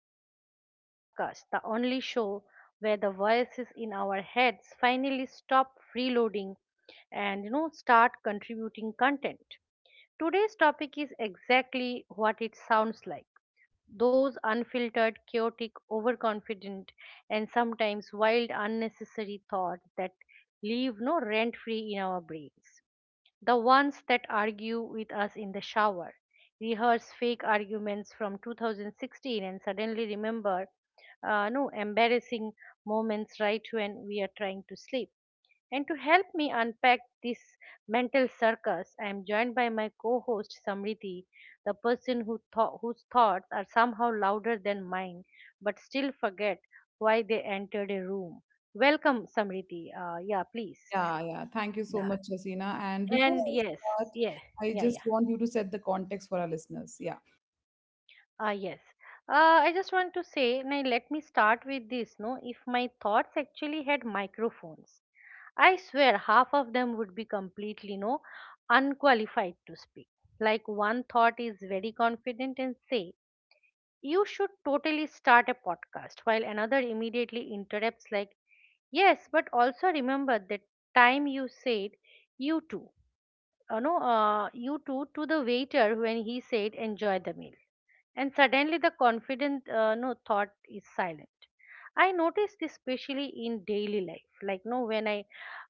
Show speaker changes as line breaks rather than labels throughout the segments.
Thoughts Had a Podcast, the only show where the voices in our heads finally stop freeloading and start contributing content. Today's topic is exactly what it sounds like. Those unfiltered, chaotic, overconfident, and sometimes wild, unnecessary thoughts that leave no rent free in our brains. The ones that argue with us in the shower, rehearse fake arguments from 2016, and suddenly remember no embarrassing moments right when we are trying to sleep. And to help me unpack this mental circus, I am joined by my co-host Samriti, the person who thought whose thoughts are somehow louder than mine, but still forget why they entered a room. Welcome, Samriti. Yeah, please.
Yeah, yeah. Thank you so
Yeah,
much, Rasina. And before
and
I
yes,
start,
yeah,
I
yeah,
just
yeah.
want you to set the context for our listeners. Yeah.
Ah, yes. I just want to say, now let me start with this. No, if my thoughts actually had microphones, I swear half of them would be completely no unqualified to speak. Like one thought is very confident and say, "You should totally start a podcast," while another immediately interrupts like, "Yes, but also remember that time you said you too." No, you too to the waiter when he said, "Enjoy the meal." And suddenly the confident no thought is silent. I notice this especially in daily life, like no, when I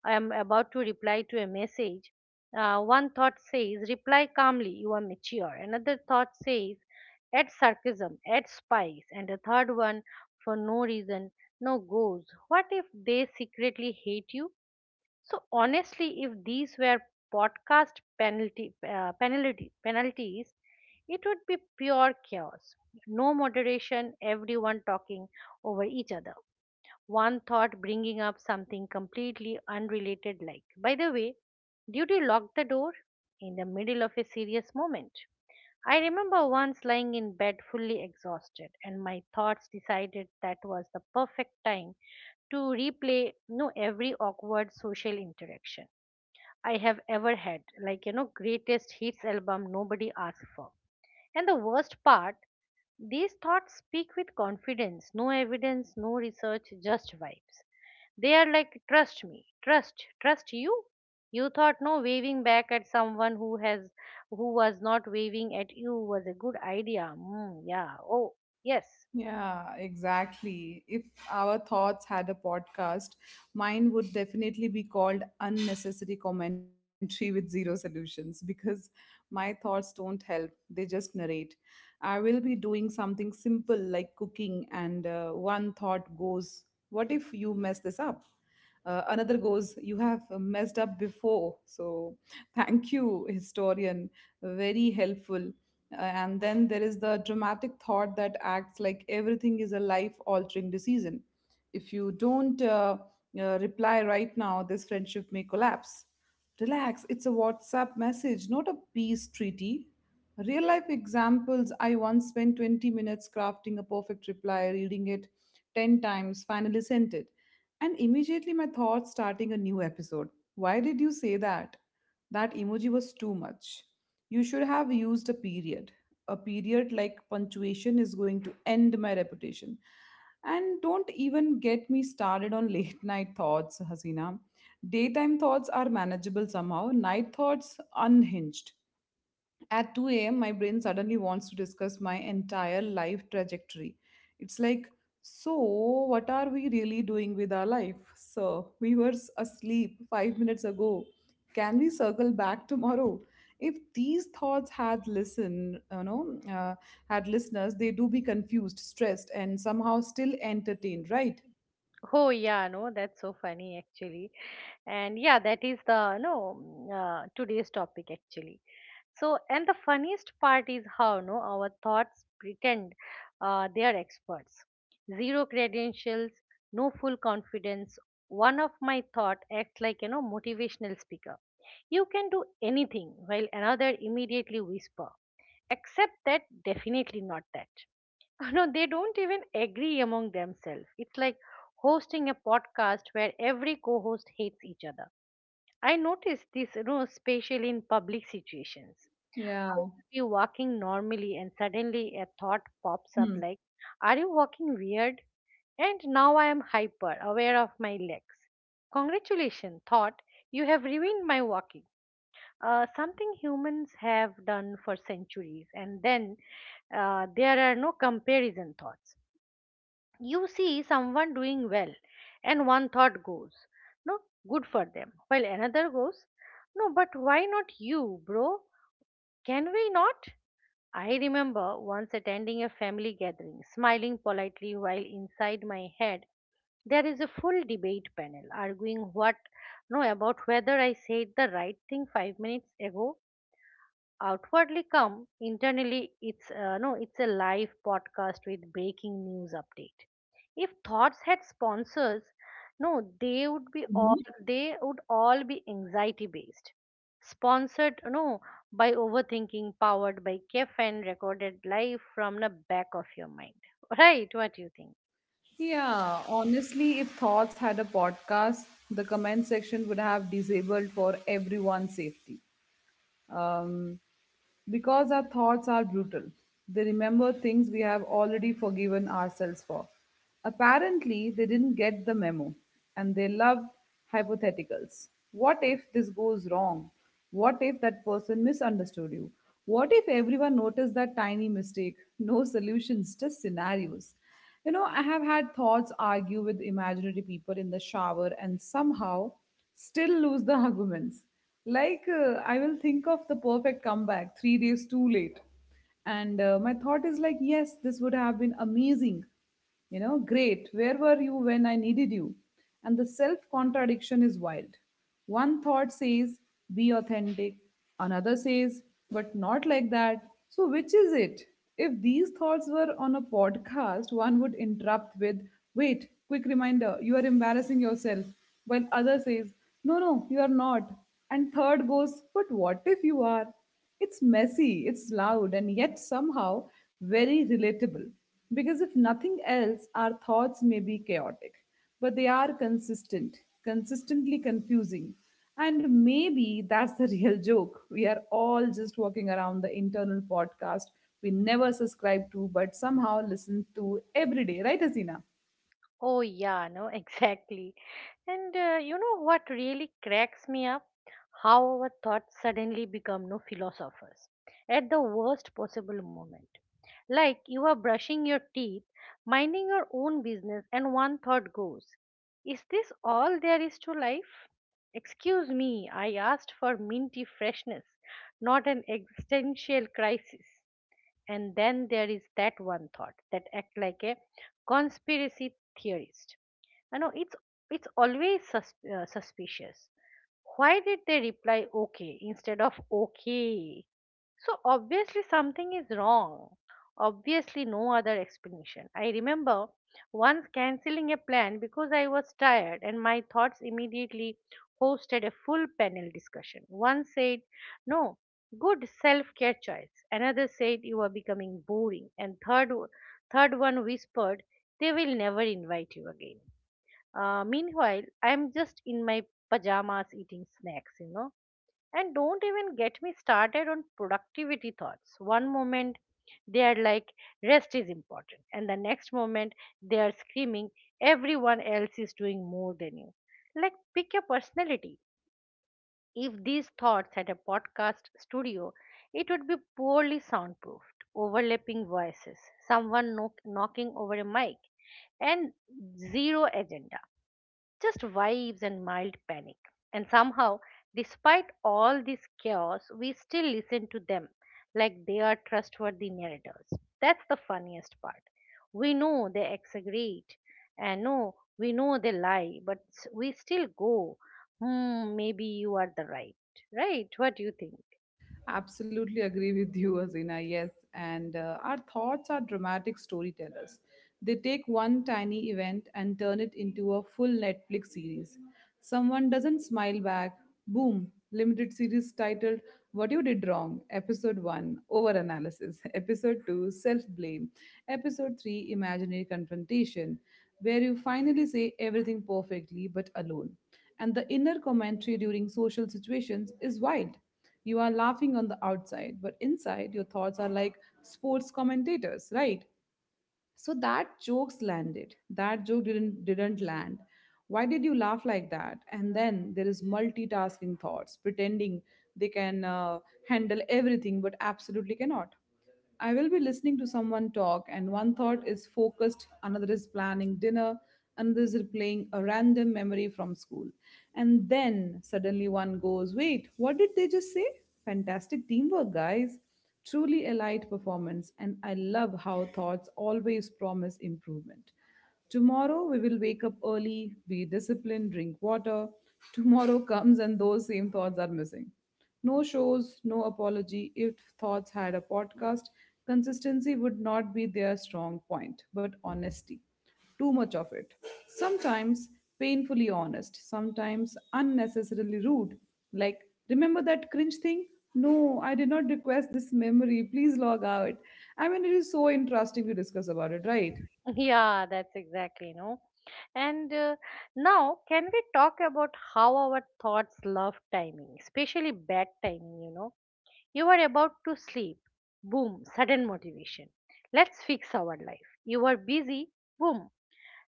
am about to reply to a message, one thought says reply calmly, you are mature, another thought says add sarcasm, add spice, and the third one, for no reason, no, goes, what if they secretly hate you? So honestly, if these were podcast penalty penalty penalties, it would be pure chaos. No moderation, everyone talking over each other. One thought bringing up something completely unrelated, like, by the way, did you lock the door? In the middle of a serious moment. I remember once lying in bed fully exhausted, and my thoughts decided that was the perfect time to replay no every awkward social interaction I have ever had. Like, greatest hits album nobody asked for. And the worst part, these thoughts speak with confidence, no evidence, no research, just vibes. They are like, trust me, trust you. You thought no waving back at someone who has, who was not waving at you was a good idea. Mm, yeah. Oh, yes.
Yeah, exactly. If our thoughts had a podcast, mine would definitely be called Unnecessary Commentary with Zero Solutions, because my thoughts don't help, they just narrate. I will be doing something simple like cooking, and one thought goes, "What if you mess this up?" Another goes, "You have messed up before." So thank you, historian. Very helpful. And then there is the dramatic thought that acts like everything is a life altering decision. If you don't reply right now, this friendship may collapse. Relax, it's a WhatsApp message, not a peace treaty. Real life examples: I once spent 20 minutes crafting a perfect reply, reading it 10 times, finally sent it. And immediately my thoughts starting a new episode. Why did you say that? That emoji was too much. You should have used a period. A period, like punctuation is going to end my reputation. And don't even get me started on late night thoughts, Hasina. Daytime thoughts are manageable somehow, night thoughts unhinged. At 2 a.m., my brain suddenly wants to discuss my entire life trajectory. It's like, so what are we really doing with our life? So we were asleep 5 minutes ago. Can we circle back tomorrow? If these thoughts had had listeners, they do be confused, stressed, and somehow still entertained, right?
Oh, yeah. No, that's so funny actually. And yeah, that is the no, today's topic actually. So and the funniest part is how no our thoughts pretend they are experts. Zero credentials, no, full confidence. One of my thought acts like, motivational speaker, you can do anything, while another immediately whisper, except that, definitely not that. No, they don't even agree among themselves. It's like hosting a podcast where every co-host hates each other. I notice this, especially in public situations. I
Yeah.
will be walking normally and suddenly a thought pops up
Hmm.
like, are you walking weird? And now I am hyper aware of my legs. Congratulations, thought, you have ruined my walking. Something humans have done for centuries, and then there are no comparison thoughts. You see someone doing well and one thought goes, no, good for them, while another goes, no, but why not you, bro? Can we not? I remember once attending a family gathering smiling politely while inside my head there is a full debate panel arguing what, no, about whether I said the right thing 5 minutes ago. Outwardly calm, internally it's no, it's a live podcast with breaking news update. If thoughts had sponsors, no, they would be all,
Mm-hmm.
they would all be anxiety based sponsored, no, by overthinking, powered by caffeine, recorded live from the back of your mind. Right, what do you think?
Yeah, honestly, if Thoughts had a podcast, the comment section would have disabled for everyone's safety. Um, because our thoughts are brutal, they remember things we have already forgiven ourselves for. Apparently, they didn't get the memo and they love hypotheticals. What if this goes wrong? What if that person misunderstood you? What if everyone noticed that tiny mistake? No solutions, just scenarios. You know, I have had thoughts argue with imaginary people in the shower and somehow still lose the arguments. Like, I will think of the perfect comeback 3 days too late. And my thought is like, yes, this would have been amazing. You know, great, where were you when I needed you? And the self contradiction is wild. One thought says, "Be authentic," another says, "But not like that." So, which is it? If these thoughts were on a podcast, one would interrupt with, "Wait, quick reminder, you are embarrassing yourself," while other says, "No, no, you are not," and third goes, "But what if you are?" It's messy, it's loud, and yet somehow very relatable. Because if nothing else, our thoughts may be chaotic, but they are consistent, consistently confusing. And maybe that's the real joke. We are all just walking around the internal podcast we never subscribe to, but somehow listen to every day, right, Hasina?
Oh, yeah, no, exactly. And you know what really cracks me up? How our thoughts suddenly become no philosophers at the worst possible moment. Like you are brushing your teeth, minding your own business, and one thought goes, is this all there is to life? Excuse me, I asked for minty freshness, not an existential crisis. And then there is that one thought that act like a conspiracy theorist. You know, it's always suspicious. Why did they reply okay instead of okay? So obviously something is wrong. Obviously no other explanation. I remember once cancelling a plan because I was tired and my thoughts immediately hosted a full panel discussion. One said, "No, good self-care choice." Another said, "You are becoming boring." And third one whispered, "They will never invite you again." Meanwhile, I'm just in my pajamas eating snacks, you know. And don't even get me started on productivity thoughts. One moment they are like, rest is important. And the next moment they are screaming, everyone else is doing more than you. Like, pick your personality. If these thoughts had a podcast studio, it would be poorly soundproofed, overlapping voices, someone knocking over a mic, and zero agenda, just vibes and mild panic. And somehow, despite all this chaos, we still listen to them like they are trustworthy narrators. That's the funniest part. We know they exaggerate, and no, we know they lie, but we still go, hmm, maybe you are the right. Right? What do you think?
Absolutely agree with you, Azina. Yes. And our thoughts are dramatic storytellers. They take one tiny event and turn it into a full Netflix series. Someone doesn't smile back. Boom. Limited series titled What You Did Wrong. Episode 1, Over Analysis. Episode 2, Self Blame. Episode 3, Imaginary Confrontation, where you finally say everything perfectly but alone. And the inner commentary during social situations is wild. You are laughing on the outside, but inside your thoughts are like sports commentators, right? So that jokes landed, that joke didn't land, why did you laugh like that? And then there is multitasking thoughts pretending they can handle everything but absolutely cannot. I will be listening to someone talk and one thought is focused, another is planning dinner, another is replaying a random memory from school, and then suddenly one goes, wait, what did they just say? Fantastic teamwork, guys. Truly a light performance, and I love how thoughts always promise improvement. Tomorrow we will wake up early, be disciplined, drink water. Tomorrow comes and those same thoughts are missing. No shows, no apology. If thoughts had a podcast, consistency would not be their strong point, but honesty, too much of it. Sometimes painfully honest, sometimes unnecessarily rude. Like, remember that cringe thing? No, I did not request this memory. Please log out. I mean, it is so interesting to discuss about it, right?
Yeah, that's exactly, no. And now, can we talk about how our thoughts love timing, especially bad timing, you know? You are about to sleep. Boom, sudden motivation. Let's fix our life. You are busy. Boom,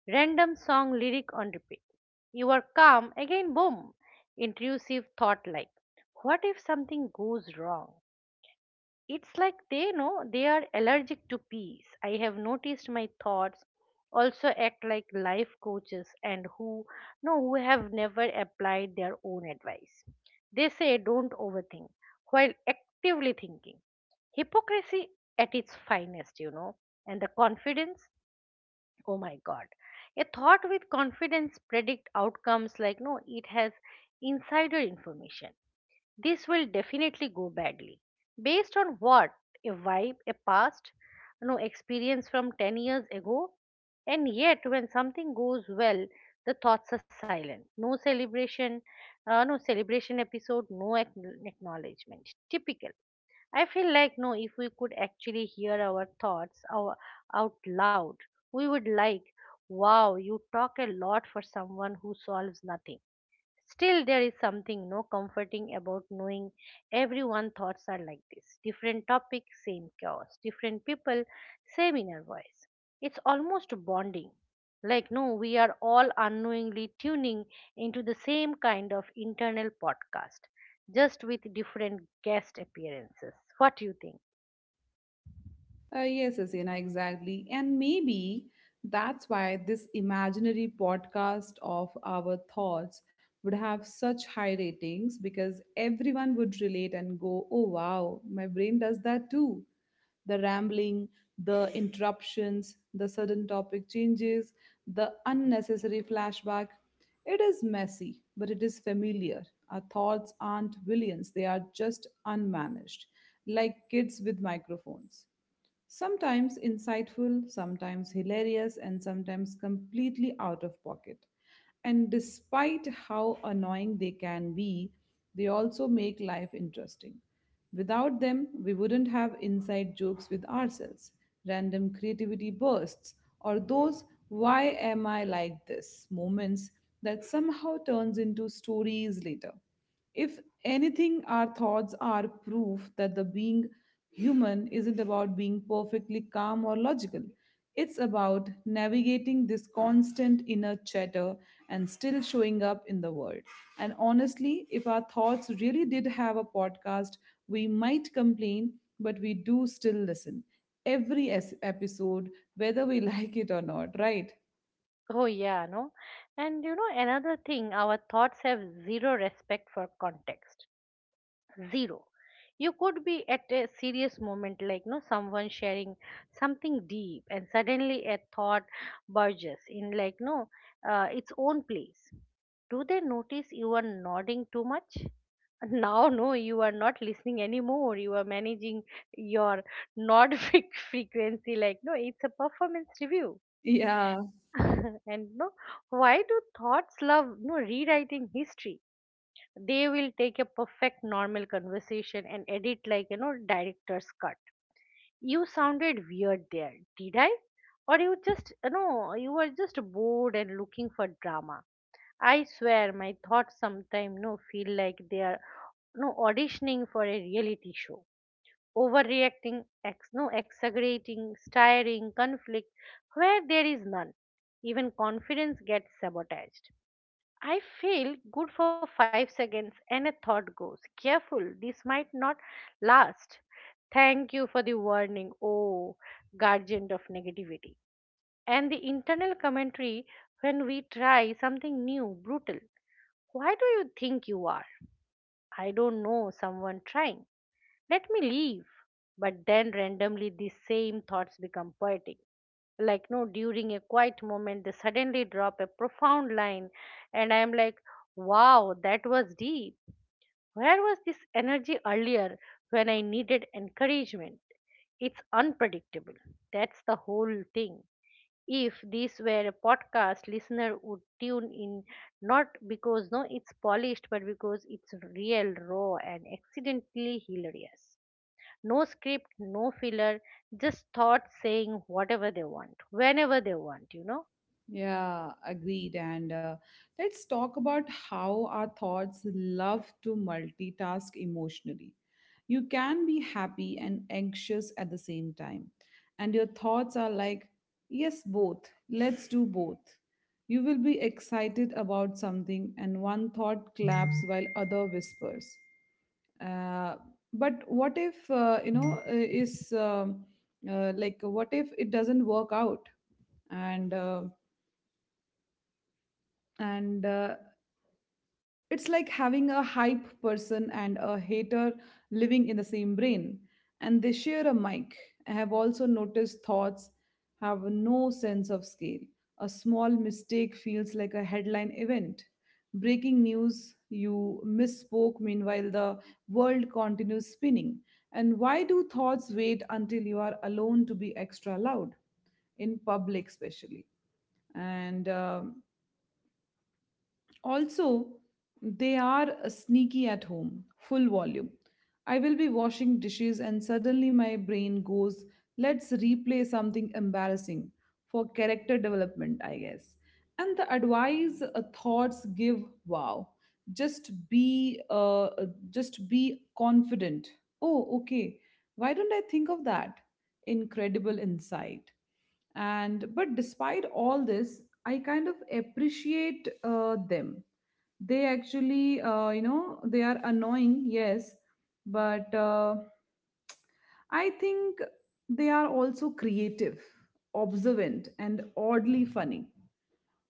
random song lyric on repeat. You are calm. Again, boom, intrusive thought like, what if something goes wrong? It's like they know they are allergic to peace. I have noticed my thoughts also act like life coaches and who no who have never applied their own advice. They say don't overthink while actively thinking. Hypocrisy at its finest, you know. And the confidence, oh my god. A thought with confidence predict outcomes like no it has insider information, this will definitely go badly. Based on what? A vibe, a past, no, experience from 10 years ago. And yet when something goes well, the thoughts are silent, no celebration, no celebration episode, no acknowledgement, typical. I feel like no, if we could actually hear our thoughts, out loud, we would like, wow, you talk a lot for someone who solves nothing. Still, there is something no comforting about knowing everyone's thoughts are like this. Different topic, same chaos. Different people, same inner voice. It's almost bonding. Like, no, we are all unknowingly tuning into the same kind of internal podcast, just with different guest appearances. What do you think?
Yes, Asena, exactly. And maybe that's why this imaginary podcast of our thoughts would have such high ratings, because everyone would relate and go, oh wow, my brain does that too. The rambling, the interruptions, the sudden topic changes, the unnecessary flashback. It is messy, but it is familiar. Our thoughts aren't villains, they are just unmanaged, like kids with microphones. Sometimes insightful, sometimes hilarious, and sometimes completely out of pocket. And despite how annoying they can be, they also make life interesting. Without them, we wouldn't have inside jokes with ourselves, random creativity bursts, or those why am I like this moments that somehow turns into stories later. If anything, our thoughts are proof that the being human isn't about being perfectly calm or logical. It's about navigating this constant inner chatter and still showing up in the world. And honestly, if our thoughts really did have a podcast, we might complain, but we do still listen. Every episode, whether we like it or not, right?
Oh, yeah, no? And you know, another thing, our thoughts have zero respect for context, zero. You could be at a serious moment like no someone sharing something deep and suddenly a thought burges in like no, its own place. Do they notice you are nodding too much? Now no, you are not listening anymore, you are managing your nod frequency, like no it's a performance review.
Yeah,
And no, why do thoughts love no rewriting history? They will take a perfect normal conversation and edit, like, director's cut. You sounded weird there. Did I? Or you just, you were just bored and looking for drama. I swear my thoughts sometimes no feel like they are no auditioning for a reality show, overreacting, ex no exaggerating, stirring conflict where there is none. Even confidence gets sabotaged. I feel good for 5 seconds and a thought goes, careful, this might not last. Thank you for the warning, oh guardian of negativity. And the internal commentary when we try something new, brutal. Why do you think you are? I don't know, someone trying. Let me leave. But then randomly these same thoughts become poetic. Like, no, during a quiet moment, they suddenly drop a profound line, and I'm like, wow, that was deep. Where was this energy earlier when I needed encouragement? It's unpredictable. That's the whole thing. If this were a podcast, listener would tune in not because no it's polished, but because it's real, raw, and accidentally hilarious. No script, no filler, just thoughts saying whatever they want, whenever they want, you know?
yeah, agreed. And let's talk about how our thoughts love to multitask emotionally. You can be happy and anxious at the same time, and your thoughts are like, yes, both. Let's do both. You will be excited about something, and one thought claps while other whispers. Uh, but what if, you know, is like, what if it doesn't work out? And uh, and it's like having a hype person and a hater living in the same brain and they share a mic. I have also noticed thoughts have no sense of scale. A small mistake feels like a headline event. Breaking news, you misspoke, meanwhile the world continues spinning. And why do thoughts wait until you are alone to be extra loud? In public especially, and also, they are sneaky. At home, full volume. I will be washing dishes and suddenly my brain goes, let's replay something embarrassing for character development, I guess. And the advice thoughts give, wow. Just be confident. Oh, okay. Why don't I think of that? Incredible insight. And but despite all this, I kind of appreciate them. They actually, they are annoying, yes, but I think they are also creative, observant and oddly funny.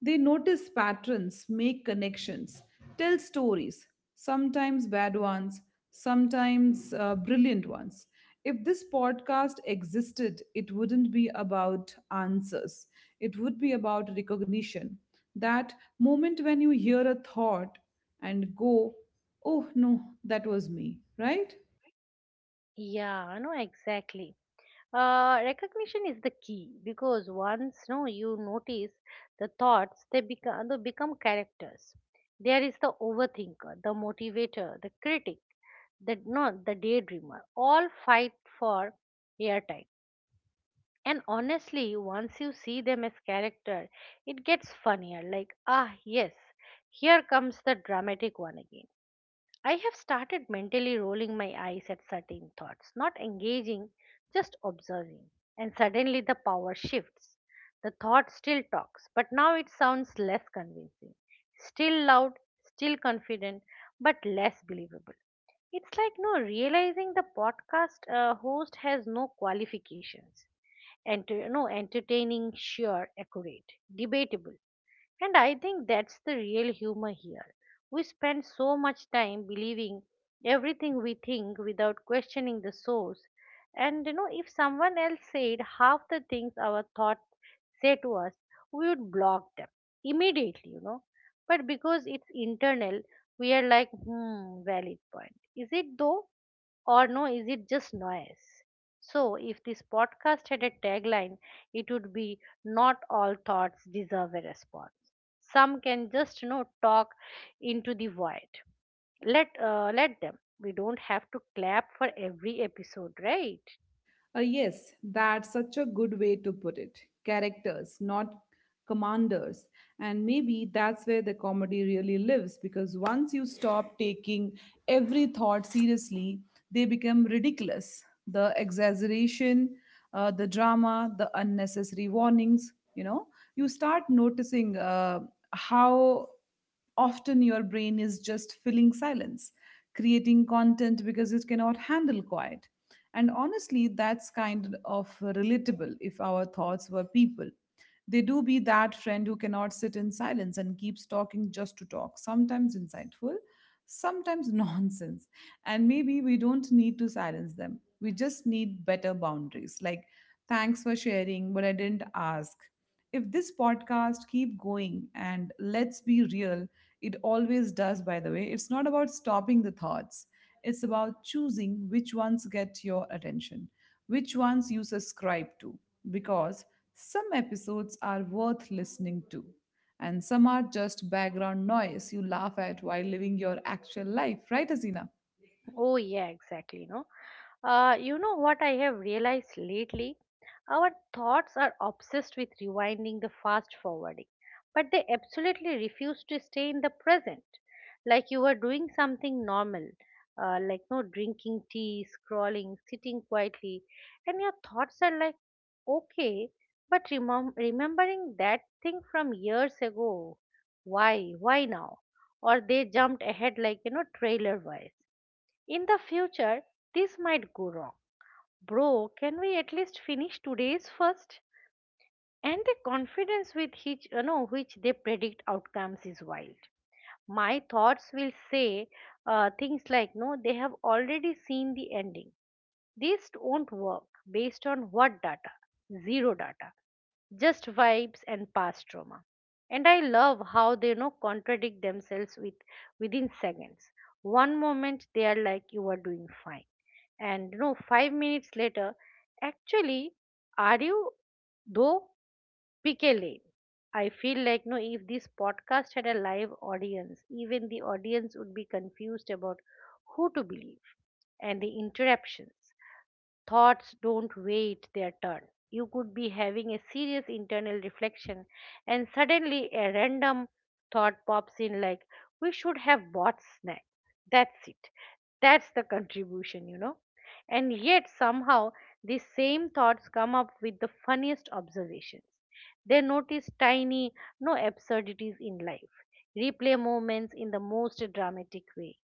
They notice patterns, make connections, tell stories, sometimes bad ones, sometimes brilliant ones. If this podcast existed, it wouldn't be about answers, it would be about recognition. That moment when you hear a thought and go, oh no, that was me, right?
Yeah, I know exactly. Recognition is the key because once no, you notice the thoughts, they become, characters. There is the overthinker, the motivator, the critic, the no, the daydreamer. All fight for airtime. And honestly, once you see them as character, it gets funnier. Like, ah, yes, here comes the dramatic one again. I have started mentally rolling my eyes at certain thoughts, not engaging, just observing. And suddenly the power shifts. The thought still talks, but now it sounds less convincing. Still loud, still confident, but less believable. It's like no realizing the podcast host has no qualifications enter, no, entertaining, sure, accurate, debatable. And I think that's the real humor here. We spend so much time believing everything we think without questioning the source. And you know, if someone else said half the things our thought said to us, we would block them immediately, you know. But because it's internal, we are like, hmm, valid point. Is it though? Or no, is it just noise? So if this podcast had a tagline, it would be not all thoughts deserve a response. Some can just you know talk into the void. Let them. We don't have to clap for every episode, right?
Yes, that's such a good way to put it. Characters, not commanders. And maybe that's where the comedy really lives, because once you stop taking every thought seriously, they become ridiculous. The exaggeration, the drama, the unnecessary warnings, you know, you start noticing how often your brain is just filling silence, creating content because it cannot handle quiet. And honestly, that's kind of relatable. If our thoughts were people, they do be that friend who cannot sit in silence and keeps talking just to talk, sometimes insightful, sometimes nonsense. And maybe we don't need to silence them. We just need better boundaries. Like, thanks for sharing, but I didn't ask. If this podcast keep going, and let's be real, it always does by the way, it's not about stopping the thoughts. It's about choosing which ones get your attention, which ones you subscribe to, because some episodes are worth listening to and some are just background noise you laugh at while living your actual life, right Azina?
Oh, yeah, exactly. No, you know what I have realized lately? Our thoughts are obsessed with rewinding the fast forwarding, but they absolutely refuse to stay in the present. Like you were doing something normal, like no drinking tea, scrolling, sitting quietly, and your thoughts are like, okay, but remembering that thing from years ago, why now? Or they jumped ahead like you know trailer wise in the future, this might go wrong. Bro, can we at least finish today's first? And the confidence with which you know which they predict outcomes is wild. My thoughts will say things like, no, they have already seen the ending, these don't work based on what data? Zero data, just vibes and past trauma. And I love how they you know contradict themselves with within seconds. One moment they are like you are doing fine, and you know 5 minutes later, actually, are you though pickle? I feel like no, if this podcast had a live audience, even the audience would be confused about who to believe and the interruptions. Thoughts don't wait their turn. You could be having a serious internal reflection, and suddenly a random thought pops in like, we should have bought snacks. That's it. That's the contribution, you know. And yet, somehow, these same thoughts come up with the funniest observations. They notice tiny, no absurdities in life, replay moments in the most dramatic way,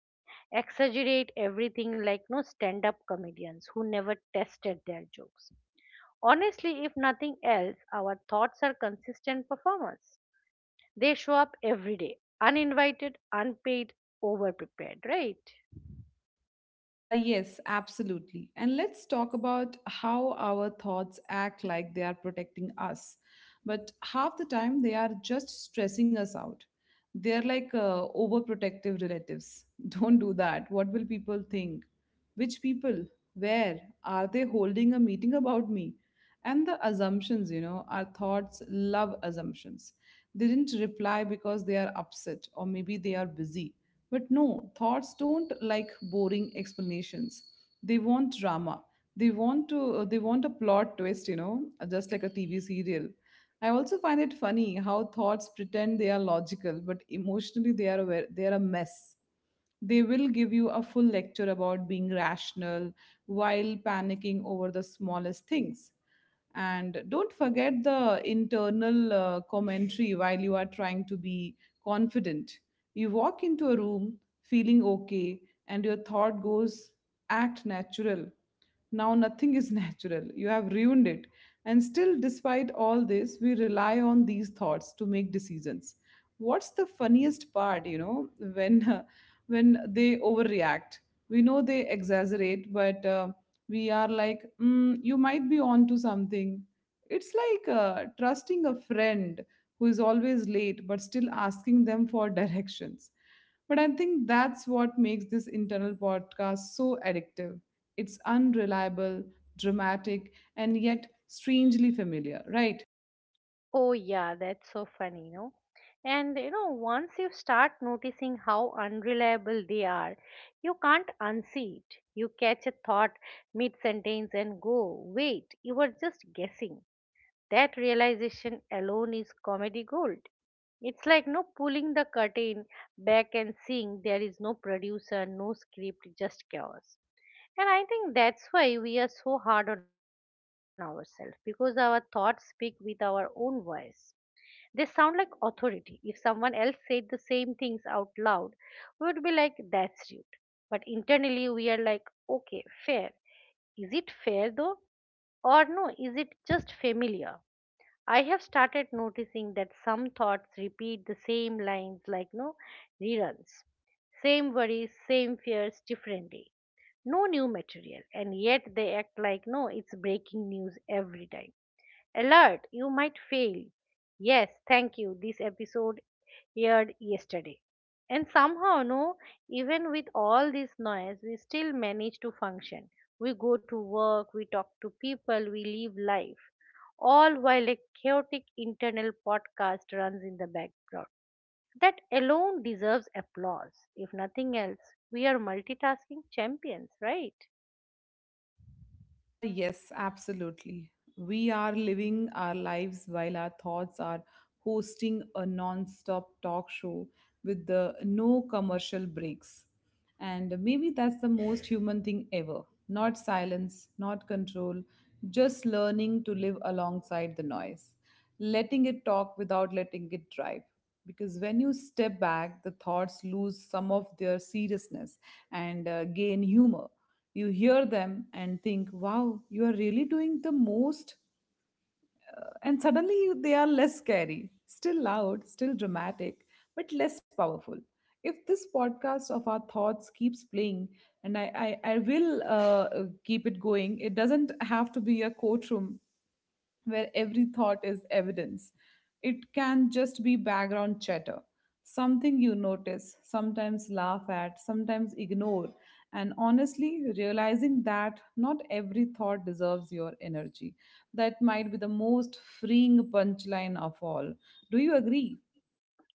exaggerate everything like no stand up comedians who never tested their jokes. Honestly, if nothing else, our thoughts are consistent performers. They show up every day, uninvited, unpaid, overprepared, right?
Yes, absolutely. And let's talk about how our thoughts act like they are protecting us. But half the time, they are just stressing us out. They're like overprotective relatives. Don't do that. What will people think? Which people? Where? Are they holding a meeting about me? And the assumptions, you know, our thoughts love assumptions. They didn't reply because they are upset, or maybe they are busy. But no, thoughts don't like boring explanations. They want drama. They want to. They want a plot twist. You know, just like a TV serial. I also find it funny how thoughts pretend they are logical, but emotionally they are aware, they are a mess. They will give you a full lecture about being rational while panicking over the smallest things. And don't forget the internal commentary while you are trying to be confident. You walk into a room feeling okay, and your thought goes, act natural. Now nothing is natural. You have ruined it. And still, despite all this, we rely on these thoughts to make decisions. What's the funniest part, you know, when when they overreact? We know they exaggerate, but we are like, mm, you might be on to something. It's like trusting a friend who is always late, but still asking them for directions. But I think that's what makes this internal podcast so addictive. It's unreliable, dramatic, and yet strangely familiar, right?
Oh, yeah, that's so funny, you know. And you know, once you start noticing how unreliable they are, you can't unsee it. You catch a thought mid sentence and go, wait, you were just guessing. That realization alone is comedy gold. It's like no pulling the curtain back and seeing there is no producer, no script, just chaos. And I think that's why we are so hard on ourselves because our thoughts speak with our own voice. They sound like authority. If someone else said the same things out loud, we would be like, that's rude. But internally, we are like, okay, fair. Is it fair though? Or no, is it just familiar? I have started noticing that some thoughts repeat the same lines like no reruns. Same worries, same fears, different day. No new material, and yet they act like no, it's breaking news every time. Alert, you might fail. Yes, thank you. This episode aired yesterday. And somehow, no, even with all this noise, we still manage to function. We go to work, we talk to people, we live life. All while a chaotic internal podcast runs in the background. That alone deserves applause. If nothing else, we are multitasking champions, right?
Yes, absolutely. We are living our lives while our thoughts are hosting a non stop talk show with the no commercial breaks. And maybe that's the most human thing ever. Not silence, not control, just learning to live alongside the noise, letting it talk without letting it drive. Because when you step back, the thoughts lose some of their seriousness and gain humor. You hear them and think, wow, you are really doing the most. And suddenly they are less scary, still loud, still dramatic, but less powerful. If this podcast of our thoughts keeps playing, and I will keep it going. It doesn't have to be a courtroom where every thought is evidence. It can just be background chatter, something you notice, sometimes laugh at, sometimes ignore. And honestly, realizing that not every thought deserves your energy. That might be the most freeing punchline of all. Do you agree?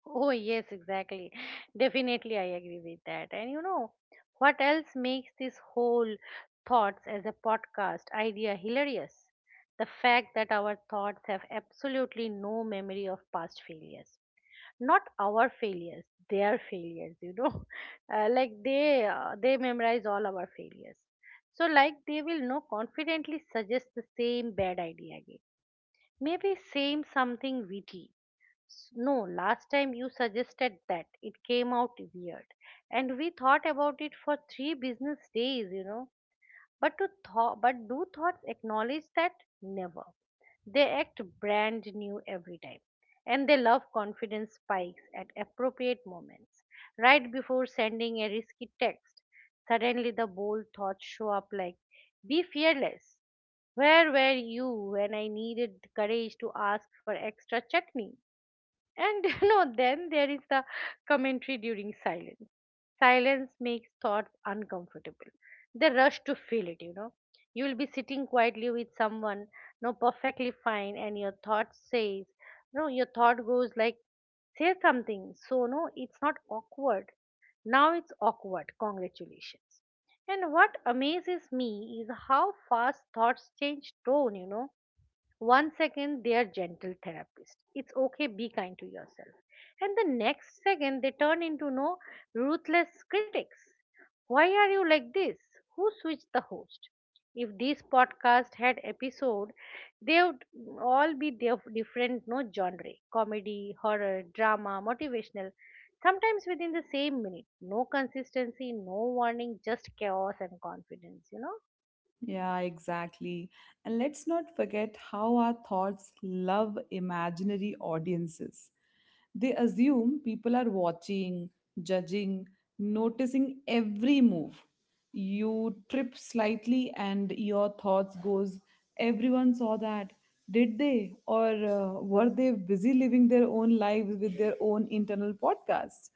Oh, yes, exactly. Definitely, I agree with that. And you know, what else makes this whole thoughts as a podcast idea hilarious? The fact that our thoughts have absolutely no memory of past failures. Not our failures, their failures, you know. Like they memorize all our failures. So like they will now confidently suggest the same bad idea again. Maybe same something witty, no, last time you suggested that. It came out weird. And we thought about it for 3 business days, you know. But do thoughts acknowledge that? Never. They act brand new every time. And they love confidence spikes at appropriate moments. Right before sending a risky text, suddenly the bold thoughts show up like, be fearless. Where were you when I needed courage to ask for extra chutney? And you know, then there is the commentary during silence. Silence makes thoughts uncomfortable. The rush to feel it, you know. You'll be sitting quietly with someone, no, perfectly fine, and your thought says, no, your thought goes like, say something. So, no, it's not awkward. Now it's awkward. Congratulations. And what amazes me is how fast thoughts change tone, you know, 1 second, they are gentle therapists. It's okay, be kind to yourself. And the next second, they turn into no ruthless critics. Why are you like this? Who switched the host? If this podcast had episode, they would all be different, no genre, comedy, horror, drama, motivational. Sometimes within the same minute, no consistency, no warning, just chaos and confidence. You know.
Yeah, exactly. And let's not forget how our thoughts love imaginary audiences. They assume people are watching, judging, noticing every move. You trip slightly and your thoughts goes, everyone saw that. Did they? Or were they busy living their own lives with their own internal podcasts?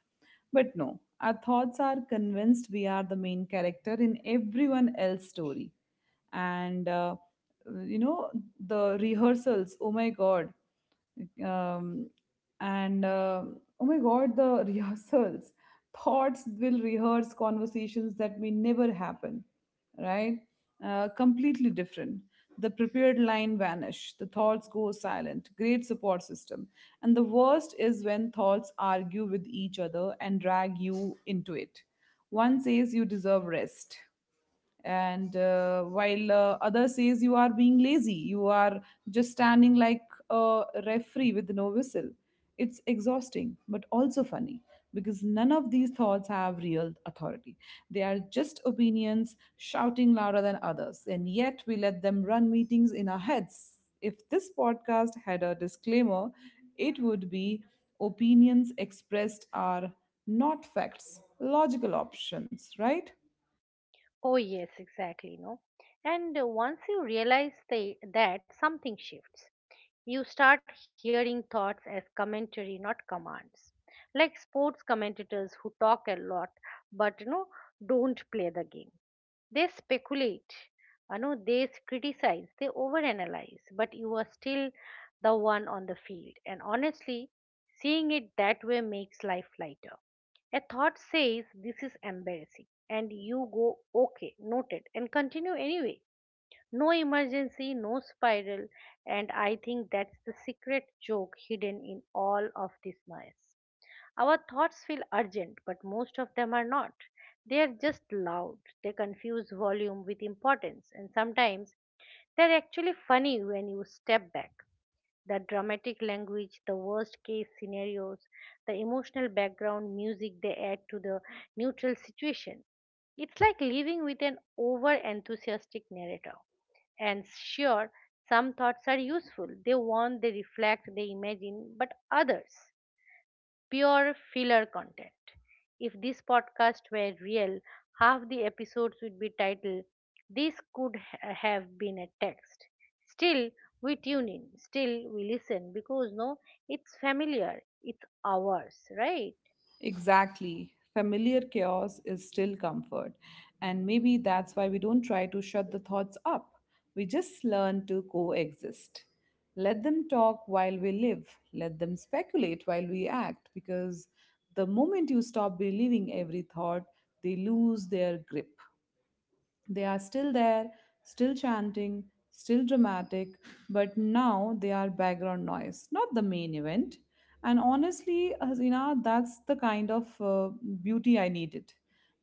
But no, our thoughts are convinced we are the main character in everyone else's story and you know, the rehearsals, oh my god, um, and oh my god, the rehearsals. Thoughts will rehearse conversations that may never happen, right? Completely different. The prepared line vanish, the thoughts go silent. Great support system. And the worst is when thoughts argue with each other and drag you into it. One says you deserve rest, and while other says you are being lazy. You are just standing like a referee with no whistle. It's exhausting but also funny because none of these thoughts have real authority. They are just opinions shouting louder than others, and yet we let them run meetings in our heads. If this podcast had a disclaimer, it would be, opinions expressed are not facts, logical options, right?
Oh, yes, exactly. No, and once you realize that something shifts, you start hearing thoughts as commentary, not commands. Like sports commentators who talk a lot but you know don't play the game. They speculate, you know, they criticize, they overanalyze, but you are still the one on the field. And honestly, seeing it that way makes life lighter. A thought says, this is embarrassing, and you go, okay, noted, and continue anyway. No emergency, no spiral, and I think that's the secret joke hidden in all of this noise. Our thoughts feel urgent, but most of them are not. They are just loud. They confuse volume with importance, and sometimes they're actually funny when you step back. The dramatic language, the worst case scenarios, the emotional background music they add to the neutral situation. It's like living with an over enthusiastic narrator. And sure, some thoughts are useful. They warn, they reflect, they imagine, but others pure filler content. If this podcast were real, half the episodes would be titled, this could have been a text. Still, we tune in, still, we listen because no, it's familiar, it's ours, right?
Exactly. Familiar chaos is still comfort. And maybe that's why we don't try to shut the thoughts up. We just learn to coexist. Let them talk while we live, let them speculate while we act, because the moment you stop believing every thought, they lose their grip. They are still there, still chanting, still dramatic, but now they are background noise, not the main event. And honestly, Hasina, that's the kind of beauty I needed.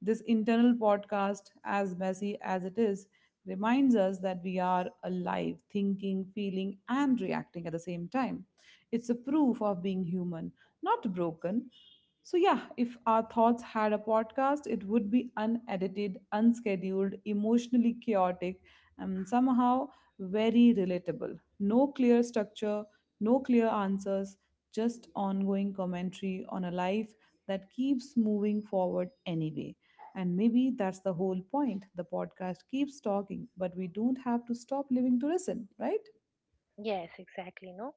This internal podcast, as messy as it is, reminds us that we are alive, thinking, feeling, and reacting at the same time. It's a proof of being human, not broken. So, yeah, if our thoughts had a podcast, it would be unedited, unscheduled, emotionally chaotic, and somehow very relatable. No clear structure, no clear answers, just ongoing commentary on a life that keeps moving forward anyway. And maybe that's the whole point. The podcast keeps talking, but we don't have to stop living to listen, right?
Yes, exactly. No,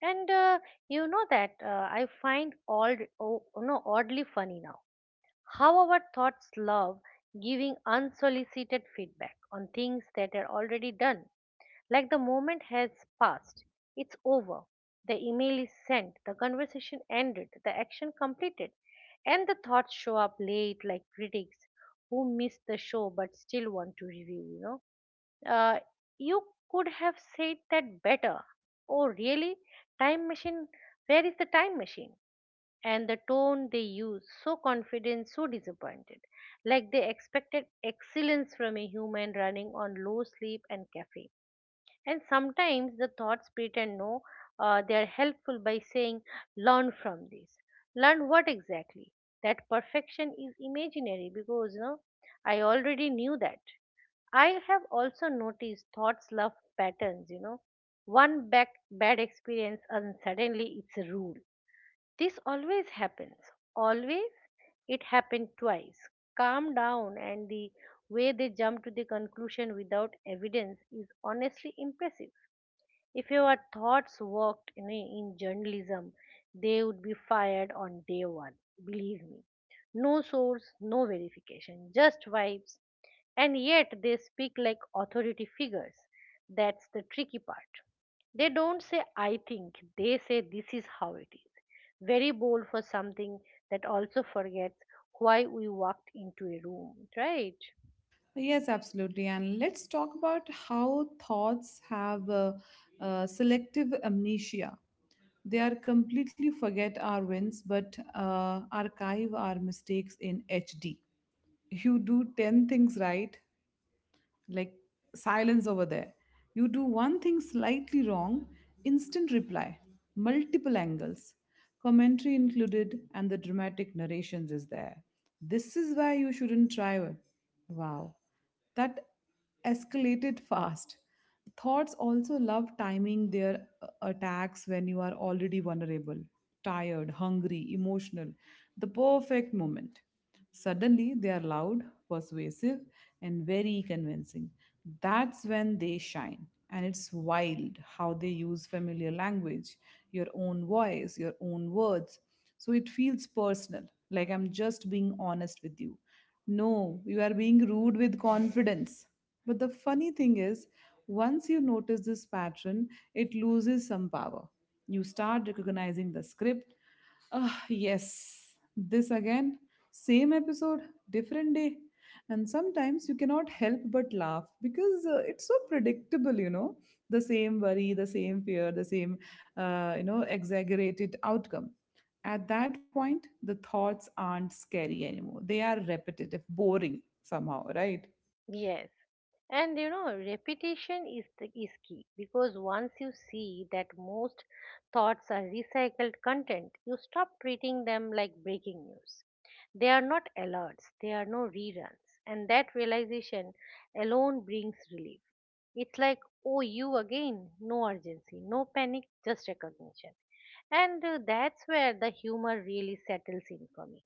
and you know that I find all oh, no oddly funny now how our thoughts love giving unsolicited feedback on things that are already done. Like the moment has passed, it's over. The email is sent, the conversation ended, the action completed, and the thoughts show up late like critics who miss the show but still want to review, you know. Uh, you could have said that better. Oh, really? Time machine? Where is the time machine? And the tone they use, so confident, so disappointed, like they expected excellence from a human running on low sleep and caffeine. And sometimes the thoughts pretend no, they are helpful by saying, learn from this. Learn what exactly? That perfection is imaginary because no, I already knew that. I have also noticed thoughts love patterns, you know. One back, bad experience and suddenly it's a rule. This always happens. Always it happened twice. Calm down, and the way they jump to the conclusion without evidence is honestly impressive. If your thoughts worked in journalism, they would be fired on day one. Believe me. No source, no verification, just vibes. And yet they speak like authority figures. That's the tricky part. They don't say, I think, they say, this is how it is. Very bold for something that also forgets why we walked into a room, right?
Yes, absolutely. And let's talk about how thoughts have selective amnesia. They are completely forget our wins, but archive our mistakes in HD. You do 10 things right, like silence over there. You do one thing slightly wrong, instant reply, multiple angles, commentary included, and the dramatic narrations is there. This is why you shouldn't try it. Wow, that escalated fast. Thoughts also love timing their attacks when you are already vulnerable, tired, hungry, emotional. The perfect moment. Suddenly, they are loud, persuasive, and very convincing. That's when they shine. And it's wild how they use familiar language, your own voice, your own words. So it feels personal, like I'm just being honest with you. No, you are being rude with confidence. But the funny thing is, once you notice this pattern, it loses some power. You start recognizing the script. Ah, yes. This again, same episode, different day. And sometimes you cannot help but laugh because it's so predictable, you know, the same worry, the same fear, the same, you know, exaggerated outcome. At that point, the thoughts aren't scary anymore. They are repetitive, boring somehow, right?
Yes. And you know, repetition is key because once you see that most thoughts are recycled content, you stop treating them like breaking news. They are not alerts, they are no reruns, and that realization alone brings relief. It's like, oh, you again, no urgency, no panic, just recognition. And that's where the humor really settles in for me.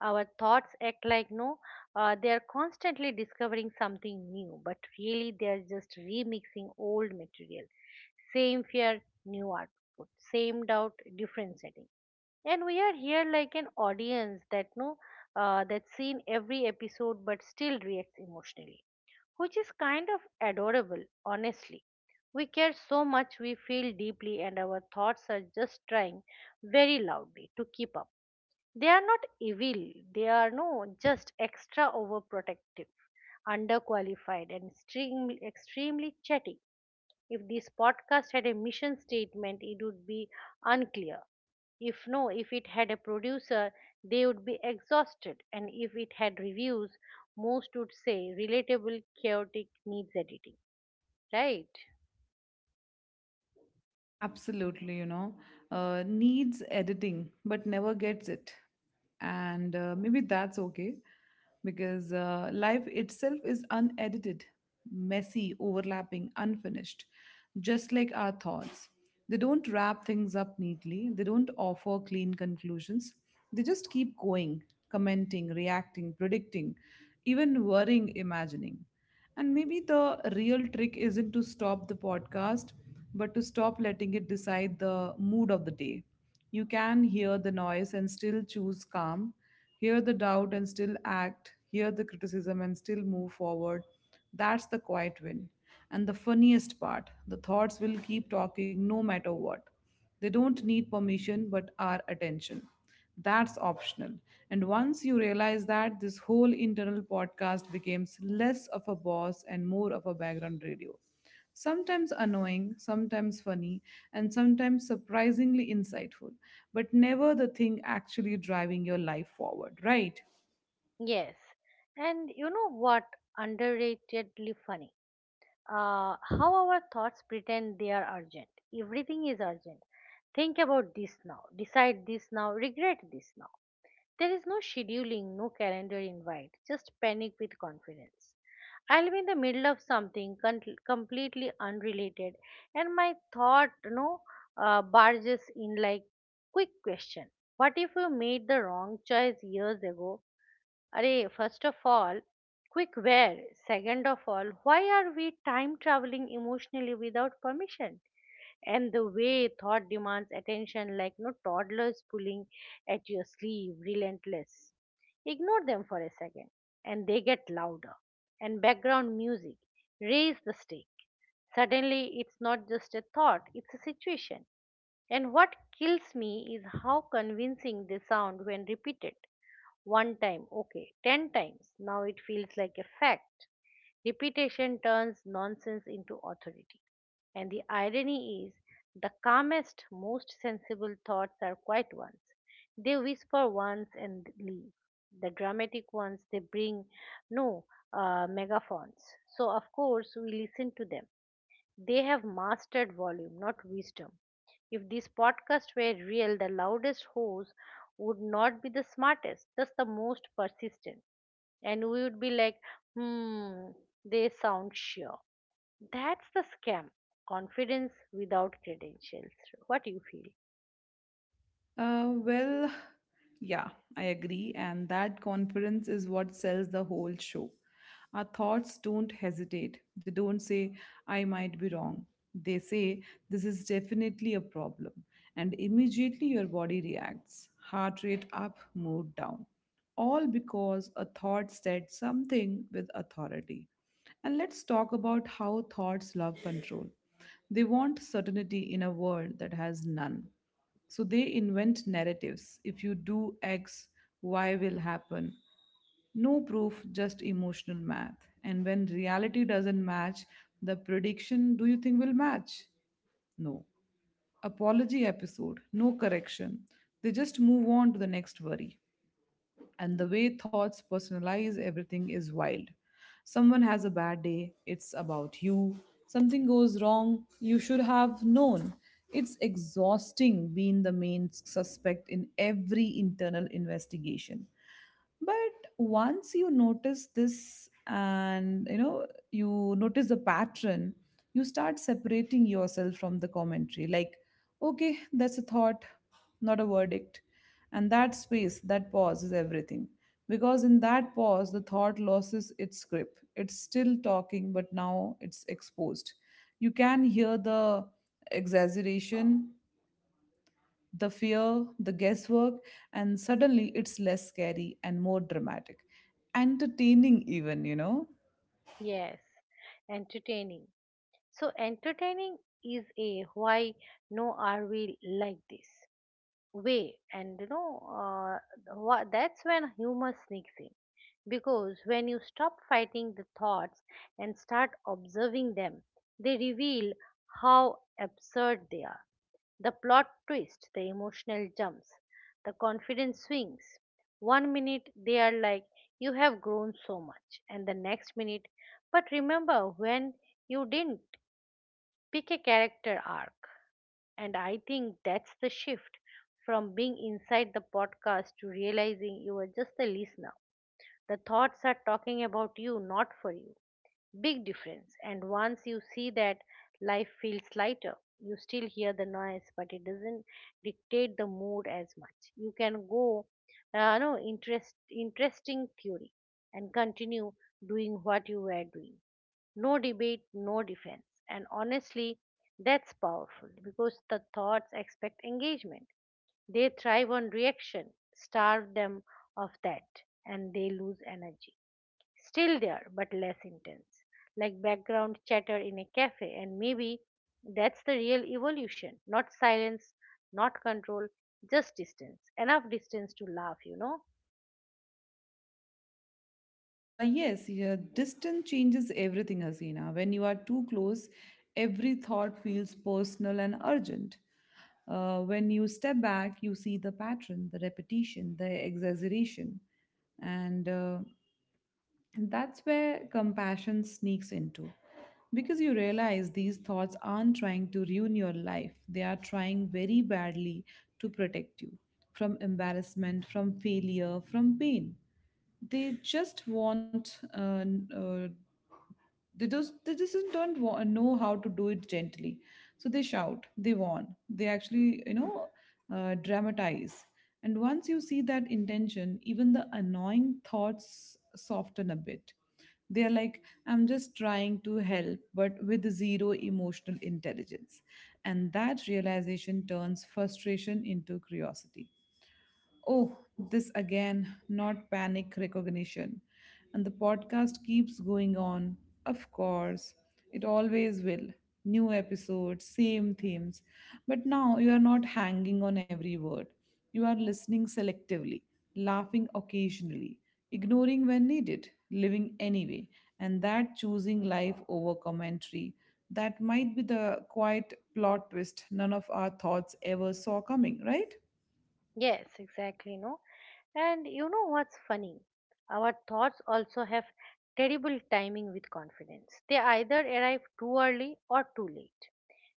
Our thoughts act like no they are constantly discovering something new, but really they are just remixing old material, same fear, new output, same doubt, different setting, and we are here like an audience that no that's seen every episode but still reacts emotionally, which is kind of adorable honestly. We care so much, we feel deeply, and our thoughts are just trying very loudly to keep up. They are not evil, they are no just extra overprotective, underqualified, and extremely, extremely chatty. If this podcast had a mission statement, it would be unclear. If it had a producer, they would be exhausted, and if it had reviews, most would say relatable, chaotic, needs editing, right?
Absolutely, you know, needs editing but never gets it. And maybe that's okay because life itself is unedited, messy, overlapping, unfinished, just like our thoughts. They don't wrap things up neatly, they don't offer clean conclusions. They just keep going, commenting, reacting, predicting, even worrying, imagining. And maybe the real trick isn't to stop the podcast, but to stop letting it decide the mood of the day. You can hear the noise and still choose calm, hear the doubt and still act, hear the criticism and still move forward. That's the quiet win. And the funniest part, the thoughts will keep talking no matter what. They don't need permission but our attention. That's optional. And once you realize that, this whole internal podcast becomes less of a boss and more of a background radio. Sometimes annoying, sometimes funny, and sometimes surprisingly insightful, but never the thing actually driving your life forward, right?
Yes. And you know what? Underratedly funny. How our thoughts pretend they are urgent. Everything is urgent. Think about this now. Decide this now. Regret this now. There is no scheduling, no calendar invite, just panic with confidence. I'll be in the middle of something completely unrelated, and my thought barges in like, quick question. What if you made the wrong choice years ago? Array, first of all, quick where? Second of all, why are we time traveling emotionally without permission? And the way thought demands attention like no toddlers pulling at your sleeve, relentless. Ignore them for a second and they get louder, and background music raise the stake. Suddenly it's not just a thought, it's a situation. And what kills me is how convincing they sound when repeated one time, okay, ten times. Now it feels like a fact. Repetition turns nonsense into authority. And the irony is, the calmest, most sensible thoughts are quiet ones. They whisper once and leave. The dramatic ones, they bring no megaphones. So, of course, we listen to them. They have mastered volume, not wisdom. If these podcasts were real, the loudest host would not be the smartest, just the most persistent. And we would be like, hmm, they sound sure. That's the scam. Confidence without credentials. What you feel?
Well, yeah, I agree. And that confidence is what sells the whole show. Our thoughts don't hesitate, they don't say, I might be wrong. They say, this is definitely a problem. And immediately your body reacts, heart rate up, mood down. All because a thought said something with authority. And let's talk about how thoughts love control. They want certainty in a world that has none. So they invent narratives. If you do X, Y will happen. No proof, just emotional math. And when reality doesn't match, the prediction, do you think will match? No. Apology episode, no correction. They just move on to the next worry. And the way thoughts personalize everything is wild. Someone has a bad day, it's about you. Something goes wrong, you should have known. It's exhausting being the main suspect in every internal investigation. But once you notice this, and you know, you notice the pattern, you start separating yourself from the commentary, like, okay, that's a thought, not a verdict. And that space, that pause, is everything, because in that pause the thought loses its grip. It's still talking, but now it's exposed. You can hear the exaggeration, the fear, the guesswork, and suddenly it's less scary and more dramatic. Entertaining, even, you know.
Yes, entertaining. So, entertaining is a why no are we like this way? And you know what, that's when humor sneaks in, because when you stop fighting the thoughts and start observing them, they reveal how absurd they are: the plot twist, the emotional jumps, the confidence swings. One minute they are like, you have grown so much, and the next minute, but remember when you didn't pick a character arc? And I think that's the shift from being inside the podcast to realizing you are just a listener. The thoughts are talking about you, not for you. Big difference. And once you see that, life feels lighter. You still hear the noise, but it doesn't dictate the mood as much. You can go, no, interesting theory, and continue doing what you were doing. No debate, no defense. And honestly, that's powerful because the thoughts expect engagement. They thrive on reaction. Starve them of that, and they lose energy. Still there, but less intense, like background chatter in a cafe. And maybe that's the real evolution: not silence, not control, just distance. Enough distance to laugh, you know?
Yes, yeah, distance changes everything, Hasina. When you are too close, every thought feels personal and urgent. When you step back, you see the pattern, the repetition, the exaggeration. And uh, And that's where compassion sneaks into. Because you realize these thoughts aren't trying to ruin your life, they are trying very badly to protect you from embarrassment, from failure, from pain. They just want n- they just don't know how to do it gently. So they shout, they warn, they actually, you know, dramatize. And once you see that intention, even the annoying thoughts soften a bit. They are like, I'm just trying to help, but with zero emotional intelligence. And that realization turns frustration into curiosity. Oh, this again, not panic, recognition. And the podcast keeps going on. Of course, it always will. New episodes, same themes. But now you are not hanging on every word. You are listening selectively, laughing occasionally, ignoring when needed, living anyway. And that, choosing life over commentary. That might be the quiet plot twist none of our thoughts ever saw coming, right?
Yes, exactly, no? And you know what's funny? Our thoughts also have terrible timing with confidence. They either arrive too early or too late.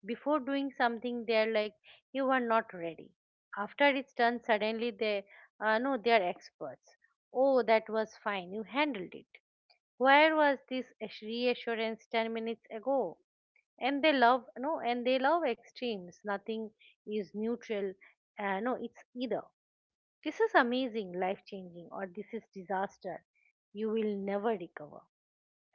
Before doing something, they are like, you are not ready. After it's done, suddenly they, no, they are experts. Oh, that was fine. You handled it. Where was this reassurance 10 minutes ago? And they love extremes. Nothing is neutral. No, it's either, this is amazing, life changing, or this is disaster. You will never recover.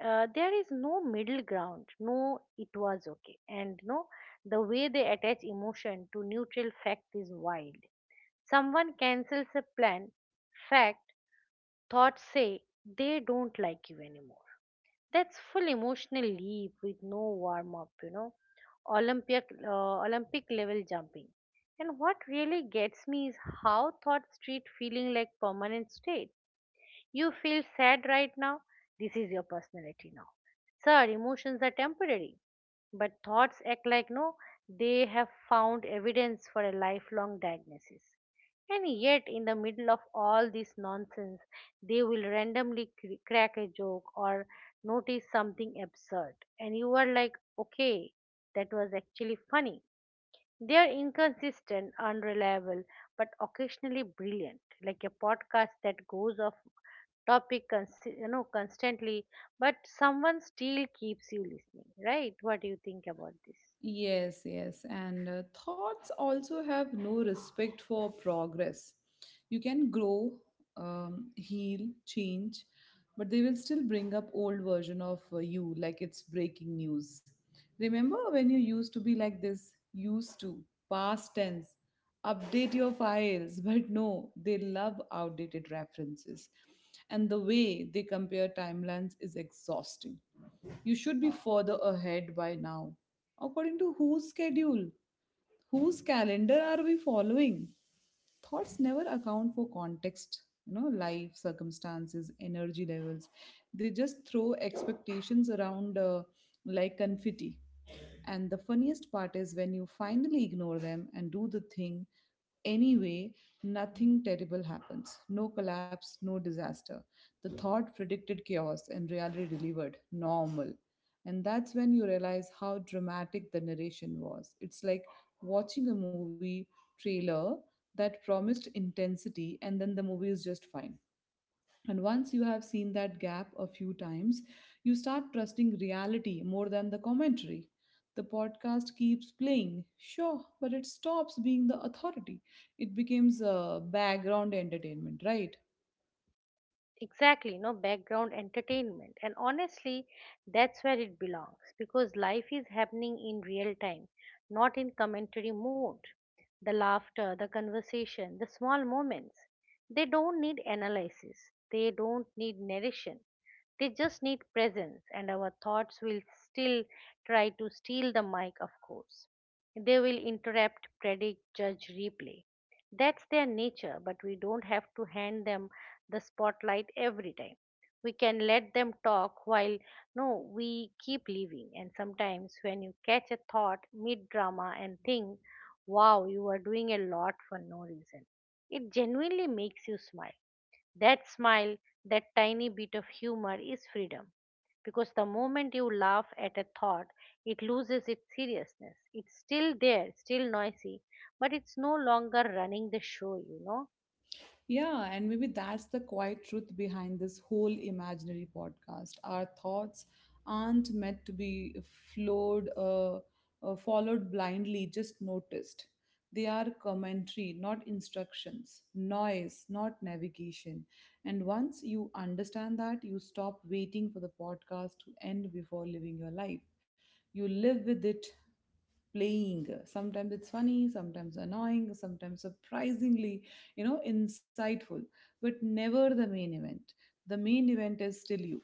There is no middle ground. No, it was okay. And no, the way they attach emotion to neutral fact is wild. Someone cancels a plan, fact, thoughts say they don't like you anymore. That's full emotional leap with no warm up, you know. Olympic level jumping. And what really gets me is how thought street feeling like permanent state. You feel sad right now. This is your personality now. Sir, emotions are temporary. But thoughts act like no, they have found evidence for a lifelong diagnosis. And yet, in the middle of all this nonsense, they will randomly crack a joke or notice something absurd. And you are like, okay, that was actually funny. They are inconsistent, unreliable, but occasionally brilliant, like a podcast that goes off topic constantly, but someone still keeps you listening, right? What do you think about this?
Yes, yes. And thoughts also have no respect for progress. You can grow, heal, change, but they will still bring up old version of you like it's breaking news. Remember when you used to be like this, used to, past tense, update your files. But no, they love outdated references. And the way they compare timelines is exhausting. You should be further ahead by now. According to whose schedule? Whose calendar are we following? Thoughts never account for context, you know, life circumstances, energy levels. They just throw expectations around like confetti. And the funniest part is when you finally ignore them and do the thing anyway, nothing terrible happens. No collapse, no disaster. The thought predicted chaos and reality delivered normal. And that's when you realize how dramatic the narration was. It's like watching a movie trailer that promised intensity and then the movie is just fine. And once you have seen that gap a few times, you start trusting reality more than the commentary. The podcast keeps playing, sure, but it stops being the authority. It becomes a background entertainment, right?
Exactly, no background entertainment. And honestly, that's where it belongs, because life is happening in real time, not in commentary mode. The laughter, the conversation, the small moments, they don't need analysis, they don't need narration. They just need presence, and our thoughts will still try to steal the mic, of course. They will interrupt, predict, judge, replay. That's their nature, but we don't have to hand them the spotlight every time. We can let them talk while no, we keep living. And sometimes when you catch a thought mid drama and think, wow, you are doing a lot for no reason, it genuinely makes you smile. That smile, that tiny bit of humor is freedom. Because the moment you laugh at a thought, it loses its seriousness. It's still there, still noisy, but it's no longer running the show, you know?
Yeah, and maybe that's the quiet truth behind this whole imaginary podcast. Our thoughts aren't meant to be flowed, uh, followed blindly, just noticed. They are commentary, not instructions, noise, not navigation. And once you understand that, you stop waiting for the podcast to end before living your life. You live with it playing, sometimes it's funny, sometimes annoying, sometimes surprisingly, insightful, but never the main event. The main event is still you,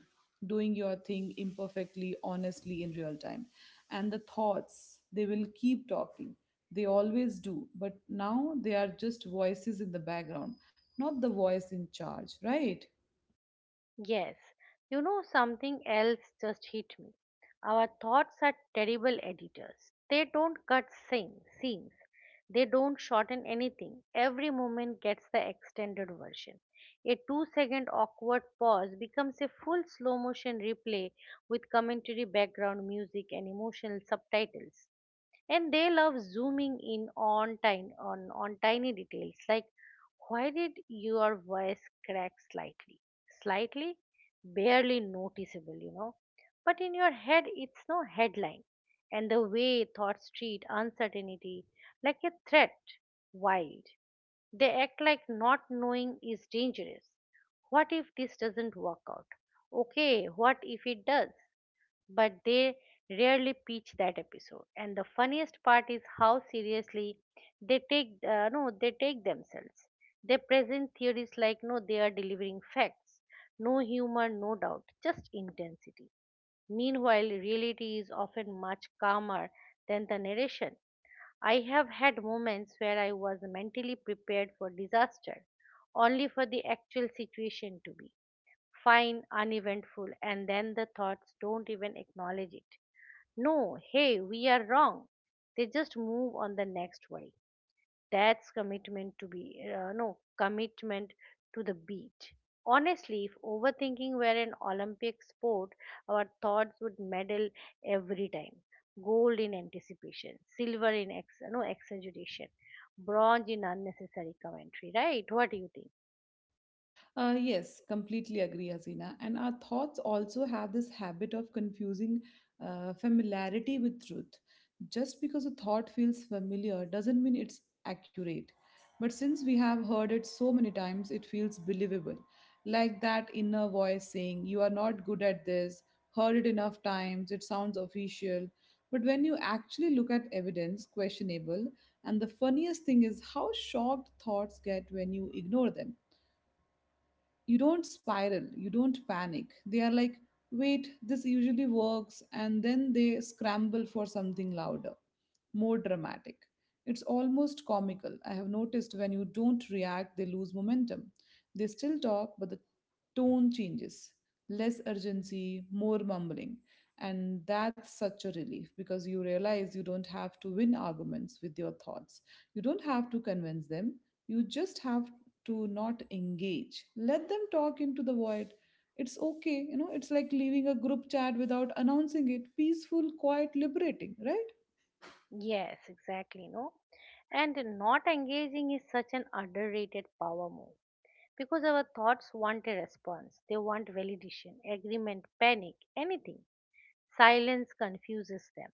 doing your thing imperfectly, honestly, in real time. And the thoughts, they will keep talking, they always do, but now they are just voices in the background, not the voice in charge, right?
Yes, you know something else just hit me. Our thoughts are terrible editors. They don't cut scenes. They don't shorten anything. Every moment gets the extended version. A 2 second awkward pause becomes a full slow motion replay with commentary, background music, and emotional subtitles. And they love zooming in on tiny details, like why did your voice crack slightly, barely noticeable, you know? But in your head it's no headline. And the way thoughts treat uncertainty like a threat, wild. They act like not knowing is dangerous. What if this doesn't work out? Okay, what if it does? But they rarely pitch that episode. And the funniest part is how seriously they take no they take themselves. They present theories like no they are delivering facts, no humor, no doubt, just intensity. Meanwhile, reality is often much calmer than the narration. I have had moments where I was mentally prepared for disaster, only for the actual situation to be fine, uneventful, and then the thoughts don't even acknowledge it. No, hey, we are wrong. They just move on the next way. That's commitment to the beat. Honestly, if overthinking were an Olympic sport, our thoughts would medal every time. Gold in anticipation, silver in ex- no exaggeration, bronze in unnecessary commentary, right? What do you think?
Yes, completely agree, Hasina. And our thoughts also have this habit of confusing familiarity with truth. Just because a thought feels familiar doesn't mean it's accurate. But since we have heard it so many times, it feels believable. Like that inner voice saying, you are not good at this, heard it enough times, it sounds official. But when you actually look at evidence, questionable, and the funniest thing is how shocked thoughts get when you ignore them. You don't spiral, you don't panic. They are like, wait, this usually works, and then they scramble for something louder, more dramatic. It's almost comical. I have noticed when you don't react, they lose momentum. They still talk, but the tone changes. Less urgency, more mumbling. And that's such a relief because you realize you don't have to win arguments with your thoughts. You don't have to convince them. You just have to not engage. Let them talk into the void. It's okay, you know, it's like leaving a group chat without announcing it. Peaceful, quiet, liberating, right?
Yes, exactly, no? And not engaging is such an underrated power move, because our thoughts want a response. They want validation, agreement, panic, anything. Silence confuses them.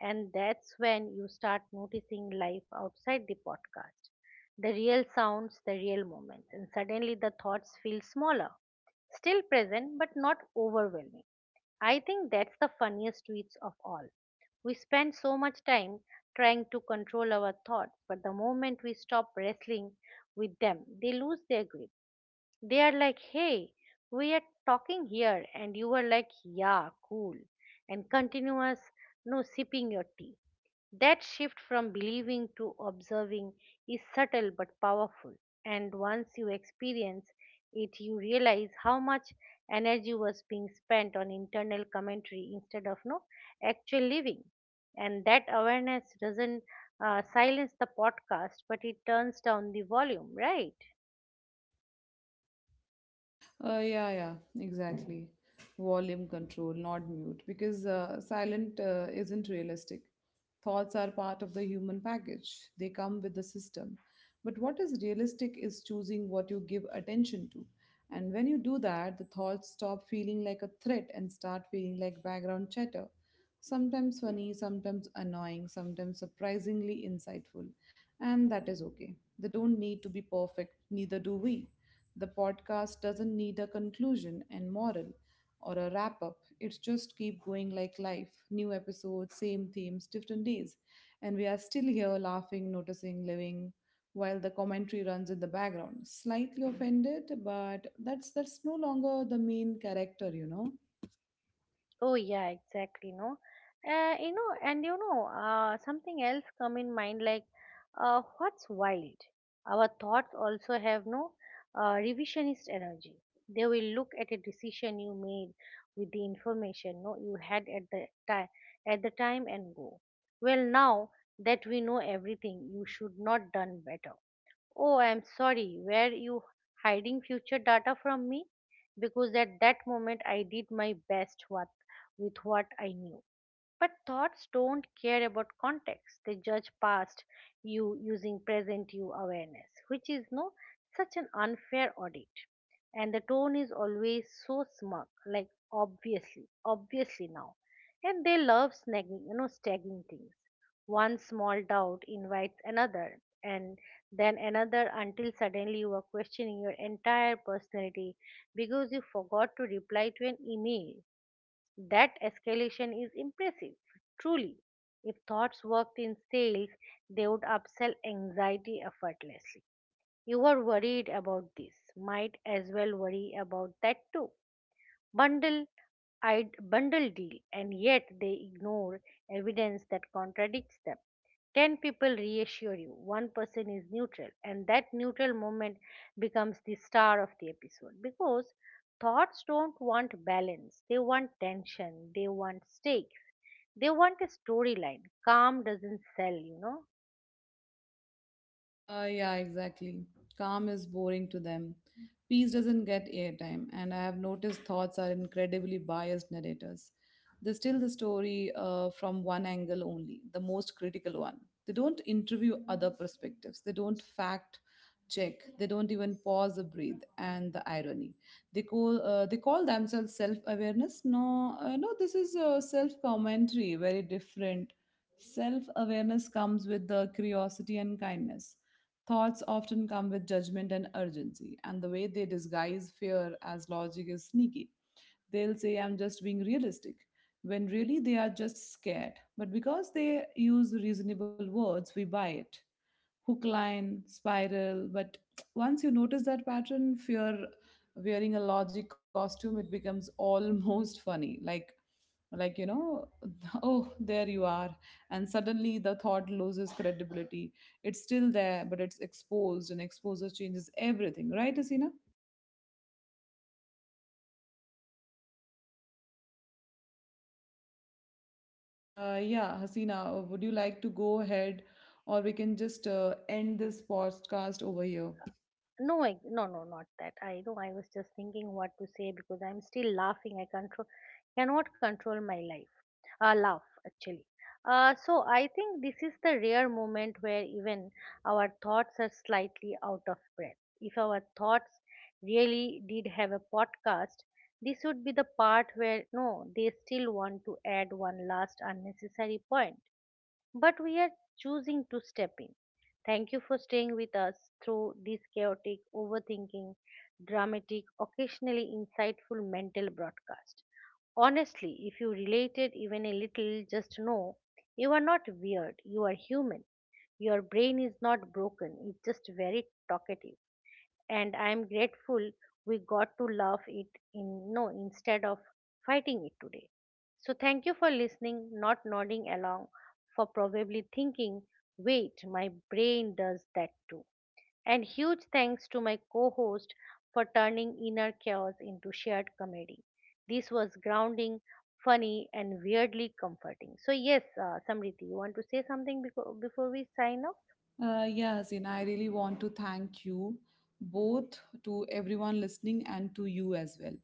And that's when you start noticing life outside the podcast, the real sounds, the real moments. And suddenly the thoughts feel smaller, still present, but not overwhelming. I think that's the funniest tweets of all. We spend so much time trying to control our thoughts, but the moment we stop wrestling with them, they lose their grip. They are like, hey, we are talking here. And you are like, yeah, cool. And continuous, no sipping your tea. That shift from believing to observing is subtle but powerful. And once you experience it, you realize how much energy was being spent on internal commentary instead of no actual living. And that awareness doesn't silence the podcast, but it turns down the volume, right?
Yeah, yeah, exactly. Volume control, not mute, because silent isn't realistic. Thoughts are part of the human package, they come with the system. But what is realistic is choosing what you give attention to. And when you do that, the thoughts stop feeling like a threat and start feeling like background chatter. Sometimes funny, sometimes annoying, sometimes surprisingly insightful. And that is okay. They don't need to be perfect, neither do we. The podcast doesn't need a conclusion and moral or a wrap up. It's just keep going like life. New episodes, same themes, different days. And we are still here laughing, noticing, living, while the commentary runs in the background. Slightly offended, but that's no longer the main character, you know.
Oh yeah, exactly. No, you know, something else come in mind, like, what's wild? Our thoughts also have no revisionist energy. They will look at a decision you made with the information no you had at the time and go, well, now that we know everything, you should not done better. Oh, I'm sorry. Were you hiding future data from me? Because at that moment I did my best what, with what I knew. But thoughts don't care about context. They judge past you using present you awareness, which is no such an unfair audit. And the tone is always so smug, like obviously, obviously now. And they love snagging you know stagging things. One small doubt invites another, and then another, until suddenly you are questioning your entire personality because you forgot to reply to an email. That escalation is impressive, truly. If thoughts worked in sales, they would upsell anxiety effortlessly. You were worried about this? Might as well worry about that too. Bundle bundle deal. And yet they ignore evidence that contradicts them. 10 people reassure you, one person is neutral, and that neutral moment becomes the star of the episode, because thoughts don't want balance, they want tension, they want stakes, they want a storyline. Calm doesn't sell, you know.
Yeah, exactly. Calm is boring to them. Peace doesn't get airtime, and I have noticed thoughts are incredibly biased narrators. They tell the story from one angle only, the most critical one. They don't interview other perspectives, they don't fact check, they don't even pause or breathe. And the irony, they call themselves self awareness. No, no, This is self commentary, very different. Self awareness comes with the curiosity and kindness. Thoughts often come with judgment and urgency, and the way they disguise fear as logic is sneaky. They'll say, I'm just being realistic, when really they are just scared. But because they use reasonable words, we buy it. Hook, line, spiral. But once you notice that pattern, if you're wearing a logic costume, it becomes almost funny. Like, like, you know, oh there you are, and suddenly the thought loses credibility. It's still there, but it's exposed, and exposure changes everything, right asina? Yeah, Hasina, would you like to go ahead or we can just end this podcast over here?
No, not that. I know. I was just thinking what to say because I'm still laughing. Cannot control my life. Laugh actually. So I think this is the rare moment where even our thoughts are slightly out of breath. If our thoughts really did have a podcast, this would be the part where no, they still want to add one last unnecessary point, but we are choosing to step in. Thank you for staying with us through this chaotic, overthinking, dramatic, occasionally insightful mental broadcast. Honestly, if you related even a little, just know you are not weird, you are human. Your brain is not broken, it's just very talkative, and I am grateful we got to love it in no instead of fighting it today. So thank you for listening, not nodding along, for probably thinking, wait, my brain does that too. And huge thanks to my co-host for turning inner chaos into shared comedy. This was grounding, funny, and weirdly comforting. So yes, Samriti, you want to say something before we sign off?
Yeah, Hasina, I really want to thank you both, to everyone listening and to you as well.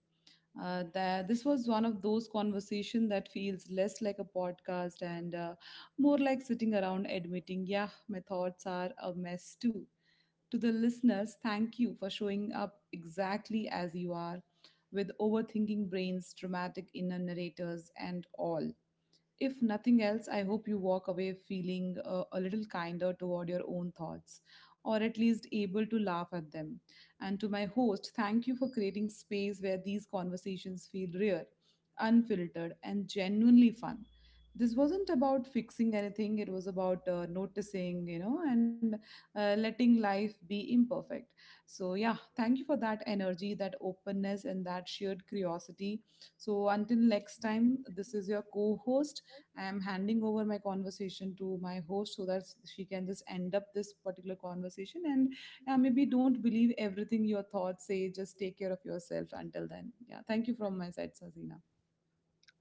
That this was one of those conversation that feels less like a podcast and more like sitting around admitting, yeah, my thoughts are a mess too. To the listeners, thank you for showing up exactly as you are, with overthinking brains, dramatic inner narrators, and all. If nothing else, I hope you walk away feeling a little kinder toward your own thoughts, or at least able to laugh at them. And to my host, thank you for creating space where these conversations feel real, unfiltered, and genuinely fun. This wasn't about fixing anything, it was about noticing, you know, and letting life be imperfect. So, yeah, thank you for that energy, that openness, and that shared curiosity. So, until next time, this is your co host. I am handing over my conversation to my host so that she can just end up this particular conversation. And yeah, maybe don't believe everything your thoughts say. Just take care of yourself until then. Yeah, thank you from my side, Sazina.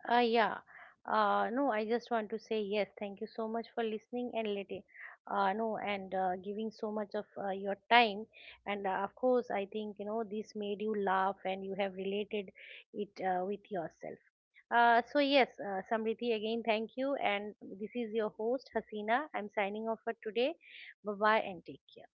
Yeah. No, I just want to say yes. Thank you so much for listening and giving so much of your time. And of course, I think you know this made you laugh and you have related it with yourself. So yes, Samriti, again, thank you. And this is your host Hasina. I'm signing off for today. Bye bye and take care.